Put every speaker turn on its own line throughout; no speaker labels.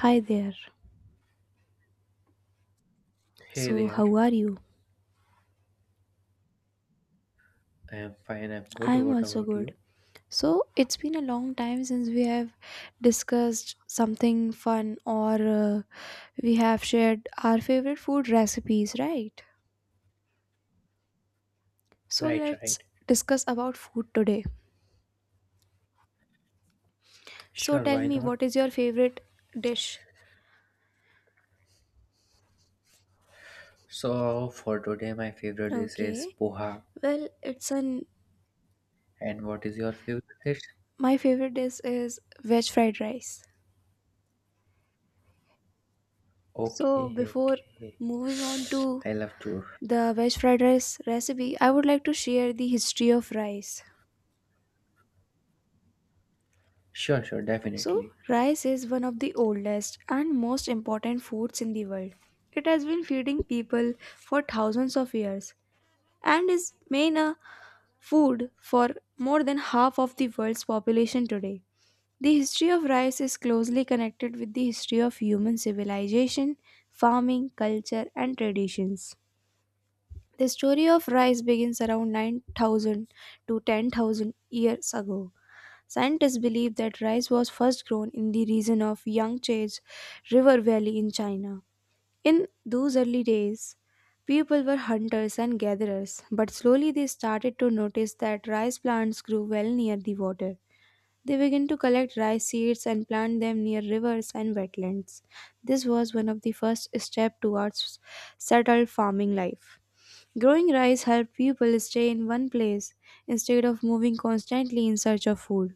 Hi there.
Hey
So,
there,
how are you?
I am fine, I'm
I
good.
am
What
also
about
good.
you?
So, it's been a long time since we have discussed something fun or we have shared our favorite food recipes, right? So,
Right,
let's
right.
discuss about food today. So,
Sure,
tell
why
me
not?
what is your favorite dish?
So, for today, my favorite dish is
Okay.
poha.
Well, it's an
And what is your favorite dish?
My favorite dish is veg fried rice. So,
Okay,
before
okay.
moving on to
I love to.
the veg fried rice recipe, I would like to share the history of rice.
Sure, sure,
So,
definitely.
rice is one of the oldest and most important foods in the world. It has been feeding people for thousands of years and is main a food for more than half of the world's population today. The history of rice is closely connected with the history of human civilization, farming, culture, and traditions. The story of rice begins around 9000 to 10,000 years ago. Scientists believe that rice was first grown in the region of Yangtze's River Valley in China. In those early days, people were hunters and gatherers, but slowly they started to notice that rice plants grew well near the water. They began to collect rice seeds and plant them near rivers and wetlands. This was one of the first steps towards settled farming life. Growing rice helped people stay in one place instead of moving constantly in search of food.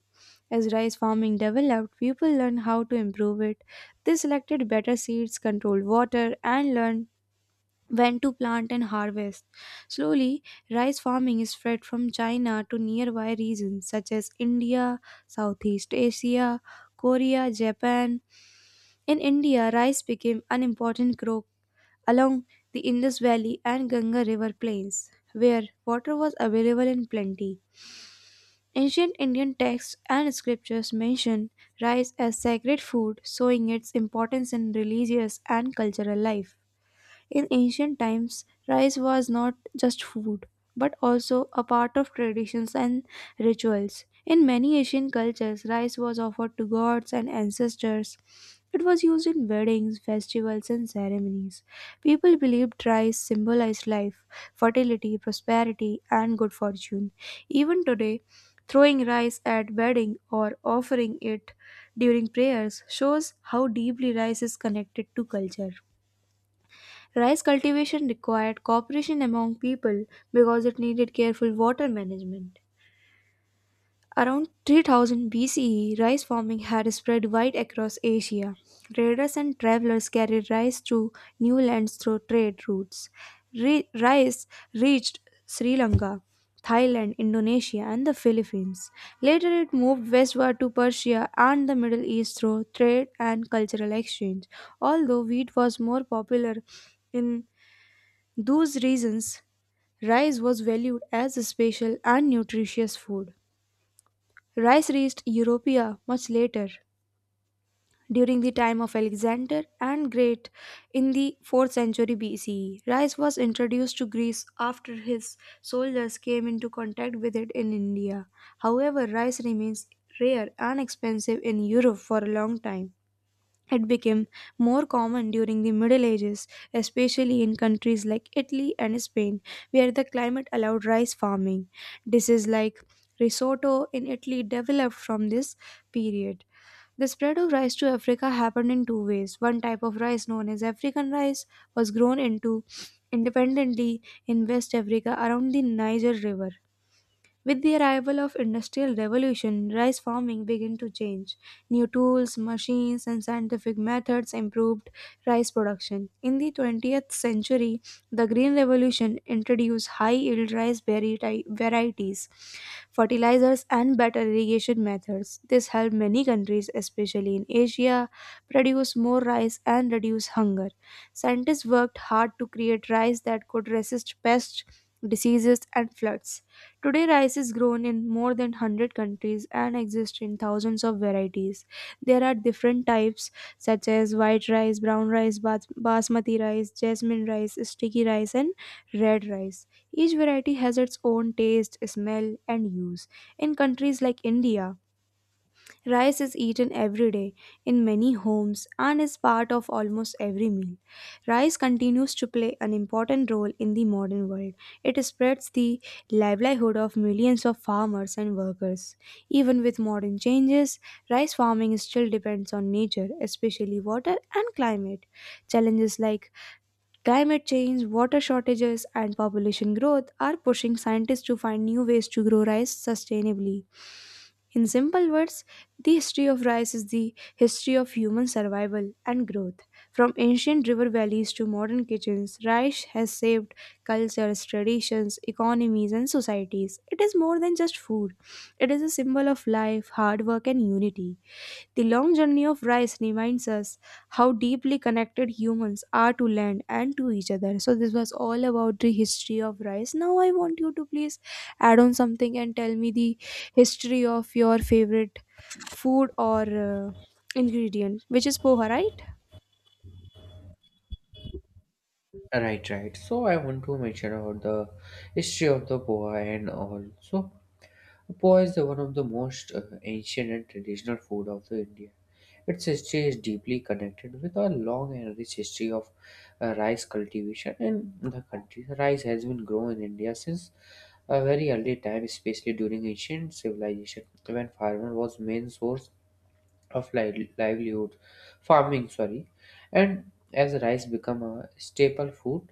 As rice farming developed, people learned how to improve it. They selected better seeds, controlled water, and learned when to plant and harvest. Slowly, rice farming is spread from China to nearby regions such as India, Southeast Asia, Korea, Japan. In India, rice became an important crop along the Indus Valley and Ganga River plains, where water was available in plenty. Ancient Indian texts and scriptures mention rice as sacred food, showing its importance in religious and cultural life. In ancient times, rice was not just food, but also a part of traditions and rituals. In many Asian cultures, rice was offered to gods and ancestors. It was used in weddings, festivals, and ceremonies. People believed rice symbolized life, fertility, prosperity, and good fortune. Even today, throwing rice at wedding or offering it during prayers shows how deeply rice is connected to culture. Rice cultivation required cooperation among people because it needed careful water management. Around 3000 BCE, rice farming had spread wide across Asia. Traders and travelers carried rice to new lands through trade routes. Rice reached Sri Lanka, Thailand, Indonesia, and the Philippines. Later, it moved westward to Persia and the Middle East through trade and cultural exchange. Although wheat was more popular in those reasons, rice was valued as a special and nutritious food. Rice reached Europa much later, during the time of Alexander and Great in the 4th century BCE. Rice was introduced to Greece after his soldiers came into contact with it in India. However, rice remains rare and expensive in Europe for a long time. It became more common during the Middle Ages, especially in countries like Italy and Spain, where the climate allowed rice farming. Dishes like risotto in Italy developed from this period. The spread of rice to Africa happened in two ways. One type of rice, known as African rice, was grown into independently in West Africa around the Niger River, with the arrival of industrial revolution, rice farming began to change. New tools, machines and scientific methods improved rice production. In the 20th century, the green revolution introduced high-yield rice varieties, fertilizers and better irrigation methods. This helped many countries, especially in Asia, produce more rice and reduce hunger. Scientists worked hard to create rice that could resist pests, diseases and floods. Today, rice is grown in more than 100 countries and exists in thousands of varieties. There are different types such as white rice, brown rice, basmati rice, jasmine rice, sticky rice, and red rice. Each variety has its own taste, smell, and use. In countries like India, rice is eaten every day in many homes and is part of almost every meal. Rice continues to play an important role in the modern world. It spreads the livelihood of millions of farmers and workers. Even with modern changes, rice farming still depends on nature, especially water and climate. Challenges like climate change, water shortages, and population growth are pushing scientists to find new ways to grow rice sustainably. In simple words, the history of rice is the history of human survival and growth. From ancient river valleys to modern kitchens, rice has saved cultures, traditions, economies, and societies. It is more than just food, it is a symbol of life, hard work, and unity. The long journey of rice reminds us how deeply connected humans are to land and to each other. So, this was all about the history of rice. Now, I want you to please add on something and tell me the history of your favorite food or ingredient, which is poha, right?
Right, right. So, I want to mention about the history of the poha and all. So, poha is the one of the most ancient and traditional food of the India. Its history is deeply connected with a long and rich history of rice cultivation in the country. Rice has been grown in India since a very early time, especially during ancient civilization, when farmer was main source of livelihood farming, sorry, and as rice become a staple food.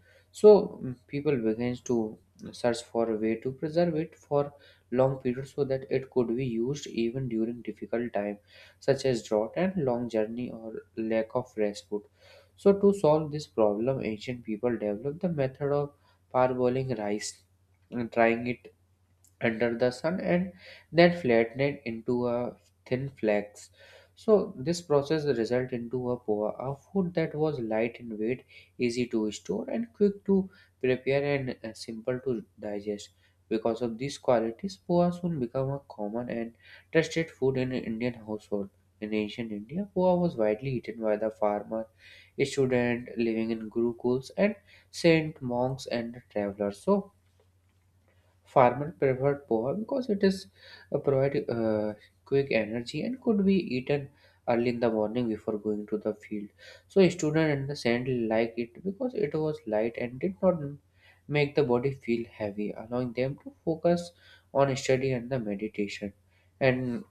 So people begins to search for a way to preserve it for long periods so that it could be used even during difficult time such as drought and long journey or lack of fresh food. So to solve this problem, ancient people developed the method of parboiling rice and drying it under the sun and then flatten it into a thin flakes. So this process result into a poa, a food that was light in weight, easy to store and quick to prepare and simple to digest. Because of these qualities, poa soon became a common and trusted food in Indian household. In ancient India, poa was widely eaten by the farmer, student living in gurukuls, and saint monks and travelers. So farmer preferred poha because it is provide quick energy and could be eaten early in the morning before going to the field. So a student in the sand liked it because it was light and did not make the body feel heavy, allowing them to focus on study and the meditation. And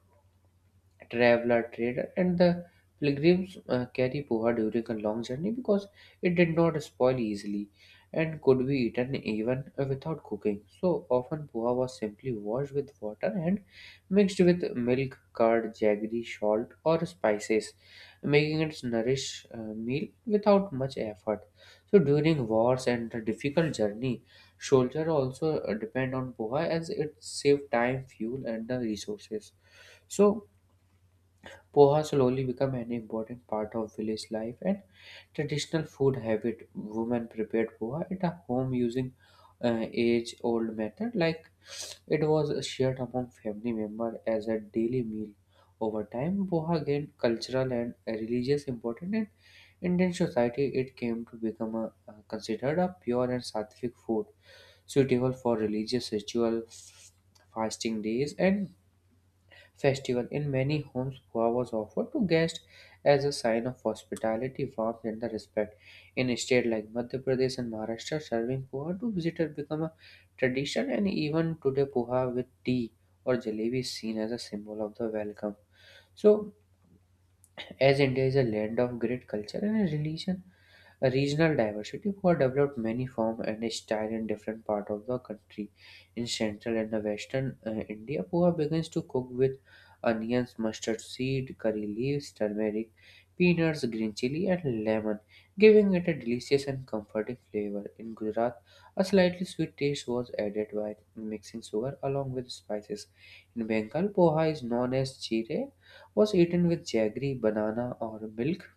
traveler, trader, and the pilgrims carry poha during a long journey because it did not spoil easily and could be eaten even without cooking. So often, poha was simply washed with water and mixed with milk, curd, jaggery, salt, or spices, making it nourish meal without much effort. So during wars and the difficult journey, soldiers also depend on poha as it saved time, fuel, and the resources. So poha slowly became an important part of village life and traditional food habit. Women prepared poha at a home using age-old method, like it was shared among family members as a daily meal. Over time, poha gained cultural and religious importance, and Indian society, it came to become a, considered a pure and sattvic food, suitable for religious ritual, fasting days, and festival. In many homes, pho was offered to guests as a sign of hospitality, warmth, and the respect. In a state like Madhya Pradesh and Maharashtra, serving poha to visitors become a tradition, and even today, poha with tea or jalebi is seen as a symbol of the welcome. So, as India is a land of great culture and a religion, a regional diversity, who have developed many form and style in different part of the country, in central and the western India, poha begins to cook with onions, mustard seed, curry leaves, turmeric, peanuts, green chili, and lemon, giving it a delicious and comforting flavor. In Gujarat, a slightly sweet taste was added by mixing sugar along with spices. In Bengal, poha is known as chire, was eaten with jaggery, banana, or milk.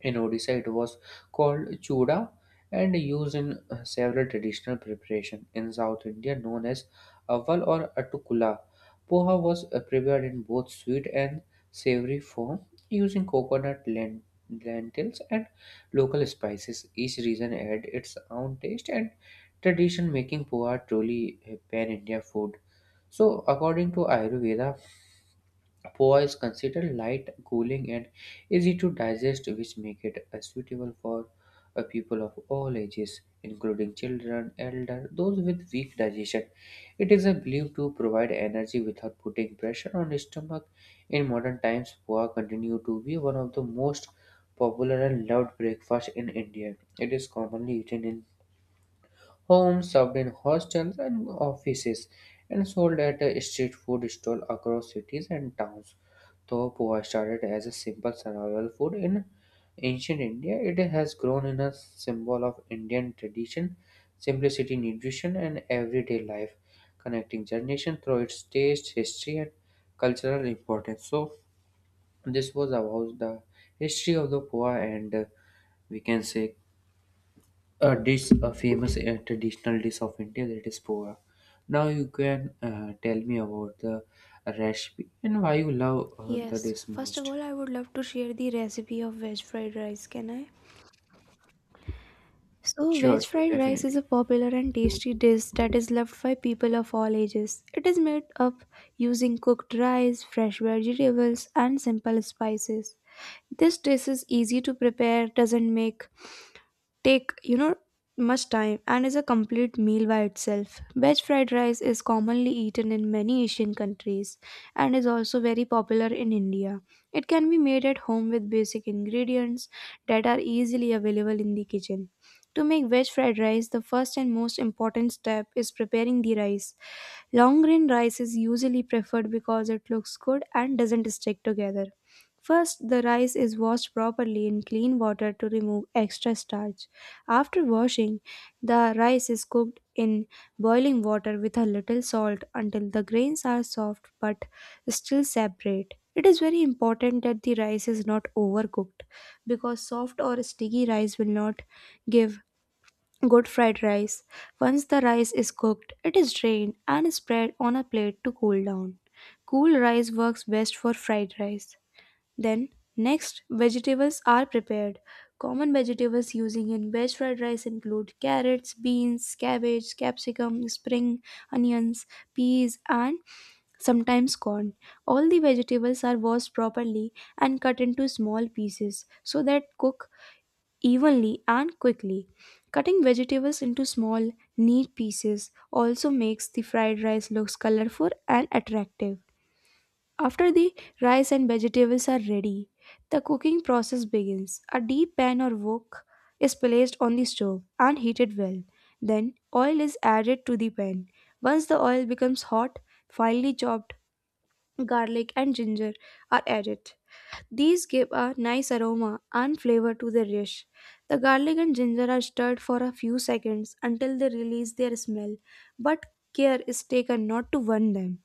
In Odisha, it was called chuda and used in several traditional preparation. In South India, known as aval or atukula, poha was prepared in both sweet and savory form using coconut lentils and local spices. Each region had its own taste and tradition, making poha truly a pan-India food. So, according to Ayurveda, poa is considered light, cooling, and easy to digest, which make it suitable for people of all ages, including children, elder, those with weak digestion. It is believed to provide energy without putting pressure on the stomach. In modern times, poa continue to be one of the most popular and loved breakfast in India. It is commonly eaten in homes, served in hostels and offices, and sold at street food stall across cities and towns. Though poha started as a simple survival food in ancient India, it has grown in a symbol of Indian tradition, simplicity, nutrition, and everyday life, connecting generations through its taste, history, and cultural importance. So, this was about the history of the poha and we can say a dish, a famous traditional dish of India, that is poha. Now you can tell me about the recipe and why you love the
Yes,
dish
first of
most.
all, I would love to share the recipe of veg fried rice. Can I? So,
Sure,
veg
sure,
fried rice is a
definitely.
popular and tasty dish that is loved by people of all ages. It is made up using cooked rice, fresh vegetables, and simple spices. This dish is easy to prepare, doesn't make take much time and is a complete meal by itself. Veg fried rice is commonly eaten in many Asian countries and is also very popular in India. It can be made at home with basic ingredients that are easily available in the kitchen. To make veg fried rice, the first and most important step is preparing the rice. Long grain rice is usually preferred because it looks good and doesn't stick together. First, the rice is washed properly in clean water to remove extra starch. After washing, the rice is cooked in boiling water with a little salt until the grains are soft but still separate. It is very important that the rice is not overcooked because soft or sticky rice will not give good fried rice. Once the rice is cooked, it is drained and spread on a plate to cool down. Cool rice works best for fried rice. Then, next, vegetables are prepared. Common vegetables using in veg fried rice include carrots, beans, cabbage, capsicum, spring onions, peas, and sometimes corn. All the vegetables are washed properly and cut into small pieces so that cook evenly and quickly. Cutting vegetables into small, neat pieces also makes the fried rice looks colorful and attractive. After the rice and vegetables are ready, the cooking process begins. A deep pan or wok is placed on the stove and heated well. Then oil is added to the pan. Once the oil becomes hot, finely chopped garlic and ginger are added. These give a nice aroma and flavor to the dish. The garlic and ginger are stirred for a few seconds until they release their smell, but care is taken not to burn them.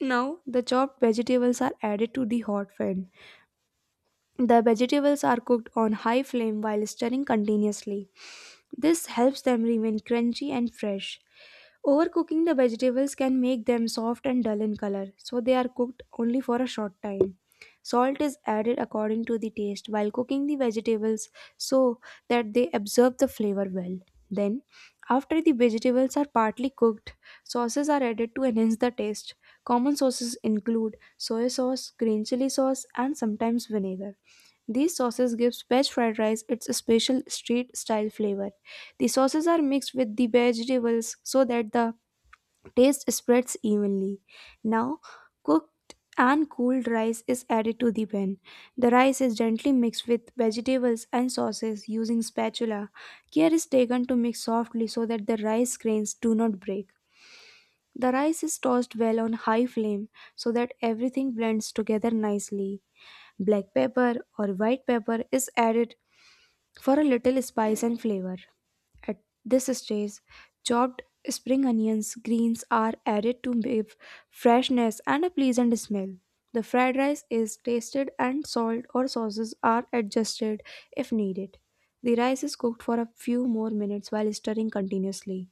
Now, the chopped vegetables are added to the hot pan. The vegetables are cooked on high flame while stirring continuously. This helps them remain crunchy and fresh. Overcooking the vegetables can make them soft and dull in color, so they are cooked only for a short time. Salt is added according to the taste while cooking the vegetables so that they absorb the flavor well. Then, after the vegetables are partly cooked, sauces are added to enhance the taste. Common sauces include soy sauce, green chili sauce, and sometimes vinegar. These sauces gives veg fried rice its special street style flavor. The sauces are mixed with the vegetables so that the taste spreads evenly. Now, cooked and cooled rice is added to the pan. The rice is gently mixed with vegetables and sauces using spatula. Care is taken to mix softly so that the rice grains do not break. The rice is tossed well on high flame so that everything blends together nicely. Black pepper or white pepper is added for a little spice and flavor. At this stage, chopped spring onions, greens are added to give freshness and a pleasant smell. The fried rice is tasted and salt or sauces are adjusted if needed. The rice is cooked for a few more minutes while stirring continuously.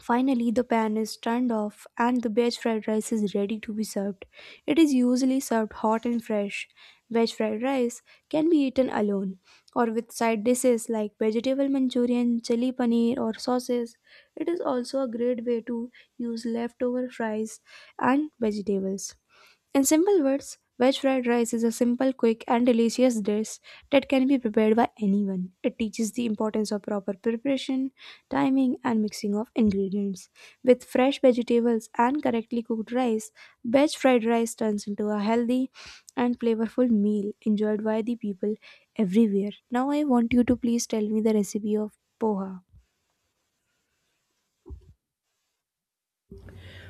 Finally, the pan is turned off and the veg fried rice is ready to be served. It is usually served hot and fresh. Veg fried rice can be eaten alone or with side dishes like vegetable manchurian, chili paneer, or sauces. It is also a great way to use leftover fries and vegetables. In simple words, veg fried rice is a simple, quick, and delicious dish that can be prepared by anyone. It teaches the importance of proper preparation, timing, and mixing of ingredients. With fresh vegetables and correctly cooked rice, veg fried rice turns into a healthy and flavorful meal enjoyed by the people everywhere. Now, I want you to please tell me the recipe of poha.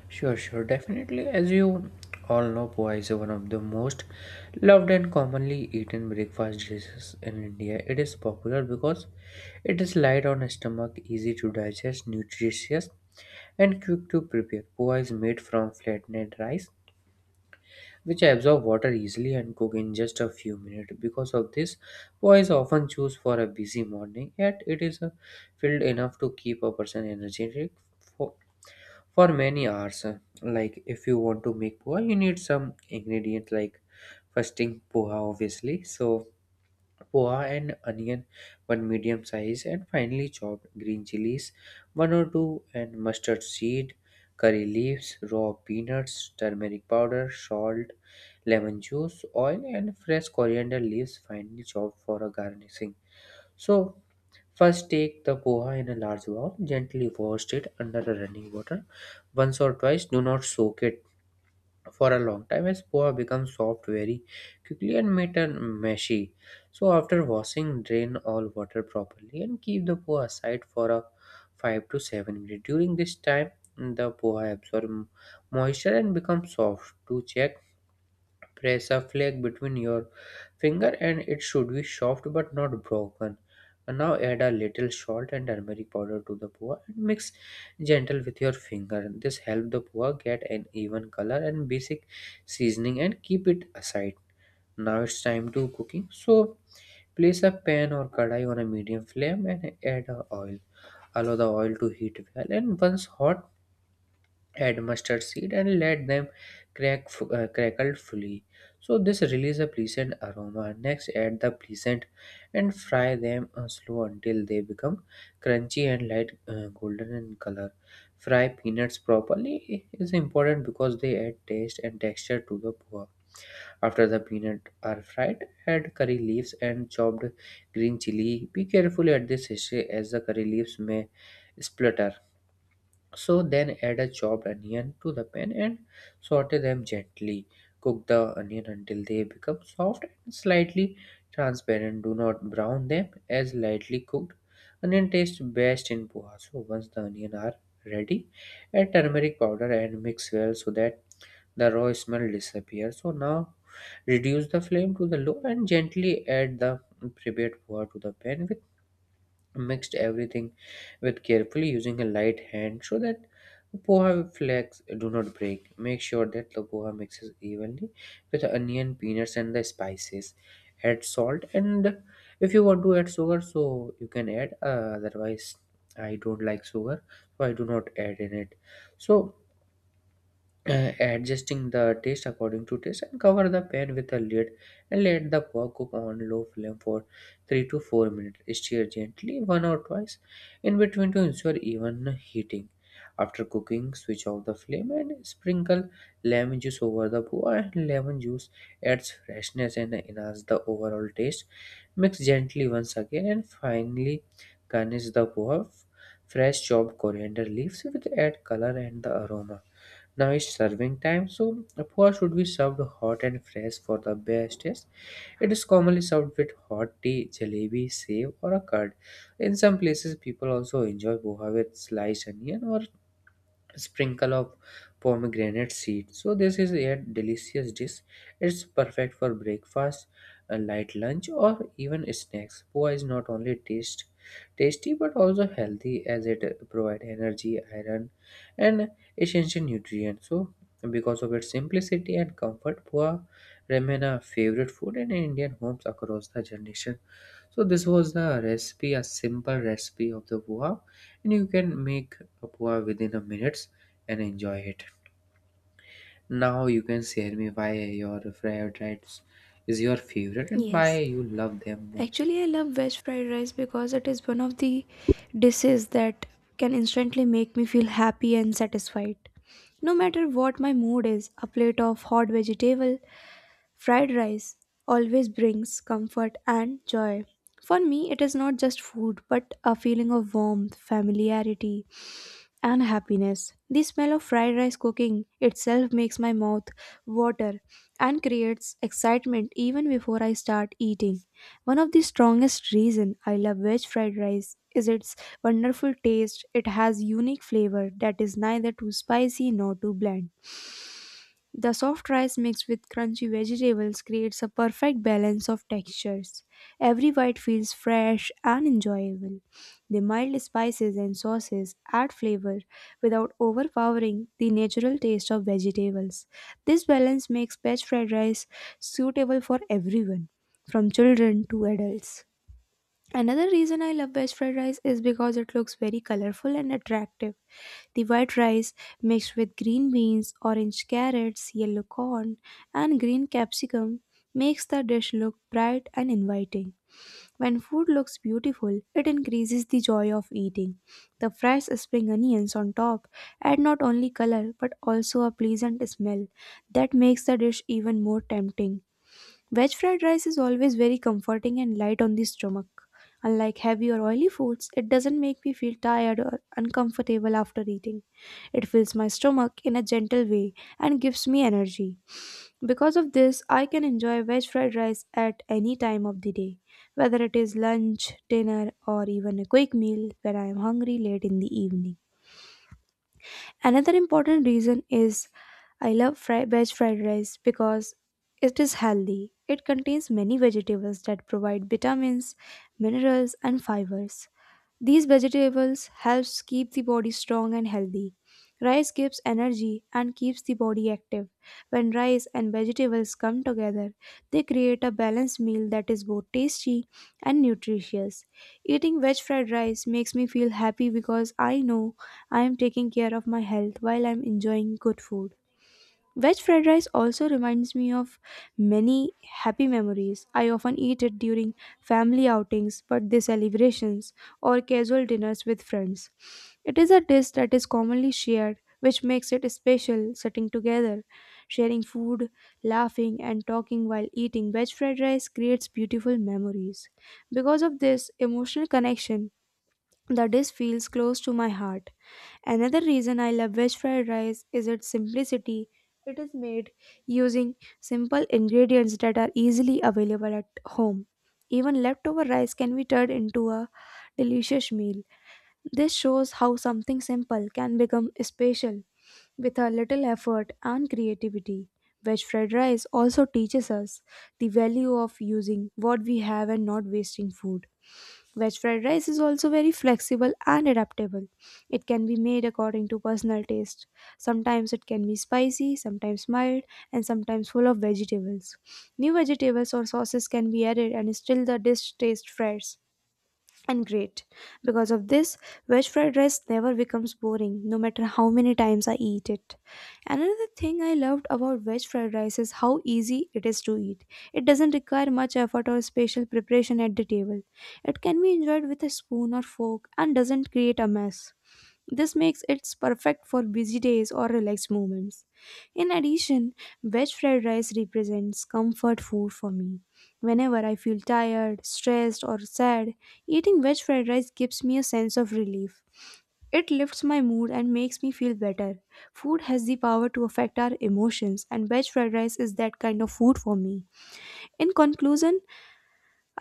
Sure, sure, definitely. As you all know, poha is one of the most loved and commonly eaten breakfast dishes in India. It is popular because it is light on stomach, easy to digest, nutritious, and quick to prepare. Poha is made from flattened rice, which absorb water easily and cook in just a few minutes. Because of this, poha is often choose for a busy morning, yet it is filled enough to keep a person energetic for many hours. Like, if you want to make poha, you need some ingredients like, first thing, poha obviously. So poha and onion, one medium size, and finally chopped green chilies, one or two, and mustard seed, curry leaves, raw peanuts, turmeric powder, salt, lemon juice, oil, and fresh coriander leaves finely chopped for a garnishing. So first, take the poha in a large bowl, gently wash it under the running water once or twice. Do not soak it for a long time as poha becomes soft very quickly and made and meshy. So, after washing, drain all water properly and keep the poha aside for a 5 to 7 minutes. During this time, the poha absorbs moisture and becomes soft. To check, press a flake between your finger and it should be soft but not broken. And now add a little salt and turmeric powder to the poha and mix gentle with your finger. This helps the poha get an even color and basic seasoning and keep it aside. Now it's time to cooking. So place a pan or kadai on a medium flame and add a oil. Allow the oil to heat well and once hot, add mustard seed and let them crackle fully. So this release a pleasant aroma. Next add the pleasant and fry them slow until they become crunchy and light golden in color. Fry peanuts properly is important because they add taste and texture to the pho. After the peanut are fried, add curry leaves and chopped green chili. Be careful at this stage as the curry leaves may splutter. So then add a chopped onion to the pan and saute them gently. Cook the onion until they become soft and slightly transparent. Do not brown them as lightly cooked. Onion tastes best in poha. So once the onion are ready, add turmeric powder and mix well so that the raw smell disappears. So now reduce the flame to the low and gently add the prepared poha to the pan. With mixed everything with carefully using a light hand so that poha flakes do not break. Make sure that the poha mixes evenly with onion, peanuts, and the spices. Add salt, and if you want to add sugar, so you can add. Otherwise, I don't like sugar, so I do not add in it. So adjusting the taste according to taste and cover the pan with a lid and let the pork cook on low flame for 3 to 4 minutes. Stir gently one or twice in between to ensure even heating. After cooking, switch off the flame and sprinkle lemon juice over the pork. Lemon juice adds freshness and enhances the overall taste. Mix gently once again and finally garnish the pork fresh chopped coriander leaves which add color and the aroma. Now is serving time. So, a pot should be served hot and fresh for the best taste. It is commonly served with hot tea, jalebi, save, or a curd. In some places, people also enjoy poha with sliced onion or sprinkle of pomegranate seed. So this is a delicious dish. It's perfect for breakfast, a light lunch, or even snacks. Poa is not only taste tasty but also healthy as it provide energy, iron, and essential nutrients. So because of its simplicity and comfort, poa remain a favorite food in Indian homes across the generation. So this was the recipe, a simple recipe of the poha, and you can make a poha within a minutes and enjoy it. Now you can share me why your fried rice is your favorite and why
Yes.
you love them most.
Actually, I love veg fried rice because it is one of the dishes that can instantly make me feel happy and satisfied. No matter what my mood is, a plate of hot vegetable fried rice always brings comfort and joy. For me, it is not just food but a feeling of warmth, familiarity, and happiness. The smell of fried rice cooking itself makes my mouth water and creates excitement even before I start eating. One of the strongest reason I love veg fried rice is its wonderful taste. It has unique flavor that is neither too spicy nor too bland. The soft rice mixed with crunchy vegetables creates a perfect balance of textures. Every bite feels fresh and enjoyable. The mild spices and sauces add flavor without overpowering the natural taste of vegetables. This balance makes veg fried rice suitable for everyone, from children to adults. Another reason I love veg fried rice is because it looks very colorful and attractive. The white rice mixed with green beans, orange carrots, yellow corn, and green capsicum makes the dish look bright and inviting. When food looks beautiful, it increases the joy of eating. The fresh spring onions on top add not only color but also a pleasant smell that makes the dish even more tempting. Veg fried rice is always very comforting and light on the stomach. Unlike heavy or oily foods, it doesn't make me feel tired or uncomfortable after eating. It fills my stomach in a gentle way and gives me energy. Because of this, I can enjoy veg fried rice at any time of the day, whether it is lunch, dinner, or even a quick meal when I am hungry late in the evening. Another important reason is I love veg fried rice because it is healthy. It contains many vegetables that provide vitamins, minerals, and fibers. These vegetables helps keep the body strong and healthy. Rice gives energy and keeps the body active. When rice and vegetables come together, they create a balanced meal that is both tasty and nutritious. Eating veg fried rice makes me feel happy because I know I am taking care of my health while I'm enjoying good food. Veg fried rice also reminds me of many happy memories. I often eat it during family outings, birthday celebrations, or casual dinners with friends. It is a dish that is commonly shared, which makes it special sitting together, sharing food, laughing, and talking while eating. Veg fried rice creates beautiful memories. Because of this emotional connection, the dish feels close to my heart. Another reason I love veg fried rice is its simplicity. It is made using simple ingredients that are easily available at home. Even leftover rice can be turned into a delicious meal. This shows how something simple can become special with a little effort and creativity. Veg fried rice also teaches us the value of using what we have and not wasting food. Veg fried rice is also very flexible and adaptable. It can be made according to personal taste. Sometimes it can be spicy, sometimes mild, and sometimes full of vegetables. New vegetables or sauces can be added and still the dish tastes fresh and great. Because of this, veg fried rice never becomes boring, no matter how many times I eat it. Another thing I loved about veg fried rice is how easy it is to eat. It doesn't require much effort or special preparation at the table. It can be enjoyed with a spoon or fork and doesn't create a mess. This makes it perfect for busy days or relaxed moments. In addition, veg fried rice represents comfort food for me. Whenever I feel tired, stressed, or sad, eating veg fried rice gives me a sense of relief. It lifts my mood and makes me feel better. Food has the power to affect our emotions, and veg fried rice is that kind of food for me. In conclusion,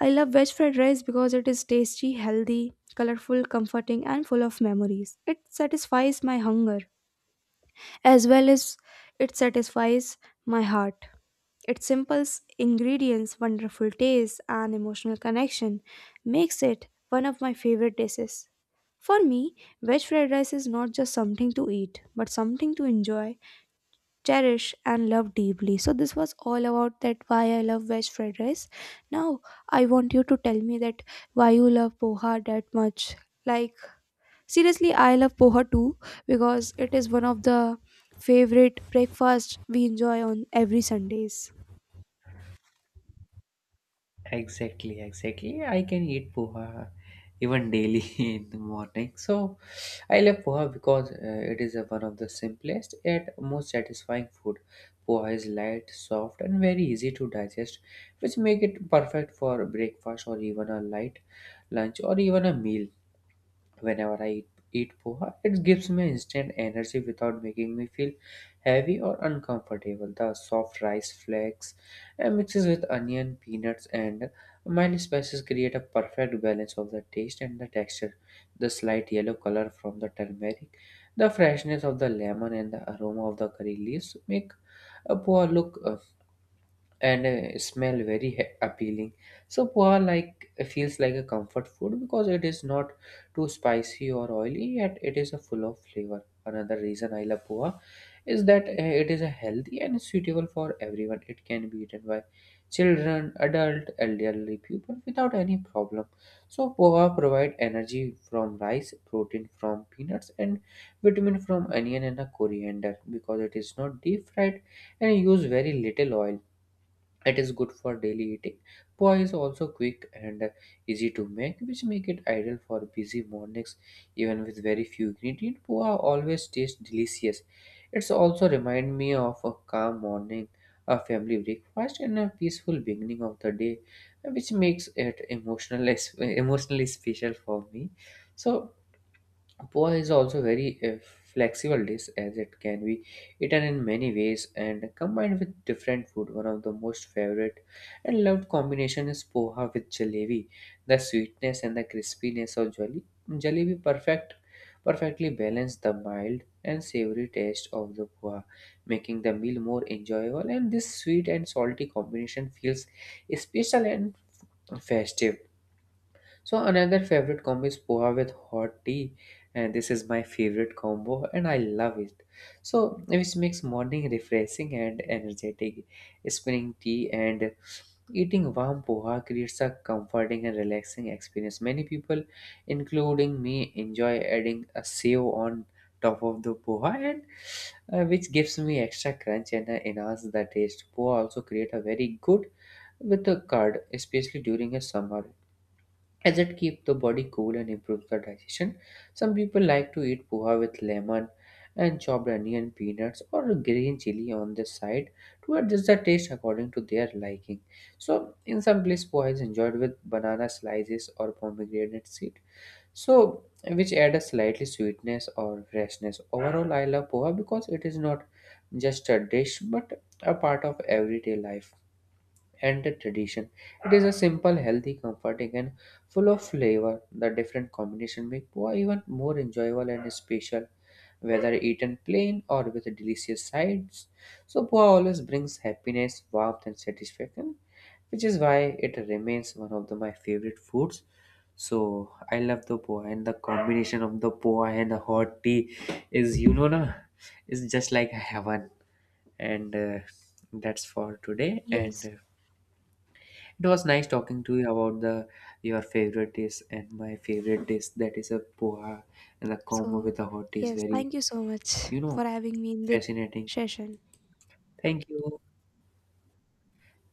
I love veg fried rice because it is tasty, healthy, colorful, comforting, and full of memories. It satisfies my hunger as well as it satisfies my heart. Its simple ingredients, wonderful taste, and emotional connection makes it one of my favorite dishes. For me, veg fried rice is not just something to eat, but something to enjoy, cherish, and love deeply. So this was all about that why I love veg fried rice. Now I want you to tell me that why you love poha that much. Like, seriously, I love poha too because it is one of the favorite breakfast we enjoy on every Sundays.
Exactly, exactly. I can eat poha even daily in the morning. So I love poha because it is one of the simplest yet most satisfying food. Poha is light, soft, and very easy to digest, which make it perfect for breakfast or even a light lunch or even a meal. Whenever I eat poha, it gives me instant energy without making me feel heavy or uncomfortable. The soft rice flakes and mixes with onion, peanuts, and mild spices create a perfect balance of the taste and the texture. The slight yellow color from the turmeric, the freshness of the lemon, and the aroma of the curry leaves make a poha look and smell very appealing. So poha like feels like a comfort food because it is not too spicy or oily, yet it is a full of flavor. Another reason I love poha is that it is a healthy and suitable for everyone. It can be eaten by children, adult, elderly people without any problem. So poha provide energy from rice, protein from peanuts, and vitamin from onion and a coriander. Because it is not deep fried and use very little oil, it is good for daily eating. Poi is also quick and easy to make, which make it ideal for busy mornings. Even with very few ingredients, poa always tastes delicious. It's also remind me of a calm morning, a family breakfast, and a peaceful beginning of the day, which makes it emotional emotionally special for me. So poha is also very flexible dish, as it can be eaten in many ways and combined with different food. One of the most favorite and loved combination is poha with jalebi. The sweetness and the crispiness of jalebi perfectly balance the mild and savory taste of the poha, making the meal more enjoyable. And this sweet and salty combination feels special and festive. So another favorite combo is poha with hot tea, and this is my favorite combo, and I love it. So which makes morning refreshing and energetic. Spinning tea and eating warm poha creates a comforting and relaxing experience. Many people, including me, enjoy adding a save on top of the poha, and which gives me extra crunch and enhance the taste. Poha also create a very good with the curd, especially during a summer, as it keeps the body cool and improves the digestion. Some people like to eat poha with lemon and chopped onion, peanuts, or green chili on the side to adjust the taste according to their liking. So, in some places, poha is enjoyed with banana slices or pomegranate seed, so which add a slightly sweetness or freshness. Overall, I love poha because it is not just a dish but a part of everyday life and the tradition. It is a simple, healthy, comforting, and full of flavor. The different combination make poa even more enjoyable and special, whether eaten plain or with delicious sides. So poa always brings happiness, warmth, and satisfaction, which is why it remains my favorite foods. So I love the poa, and the combination of the poa and the hot tea is, you know, na, is just like heaven. And that's for today. And
Yes.
it was nice talking to you about the your favorite dish and my favorite dish, that is a poha, and the combo
So,
with the hot is
yes,
very,
thank you so much
you know,
for having me in this
fascinating.
session.
Thank you.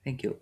Thank you.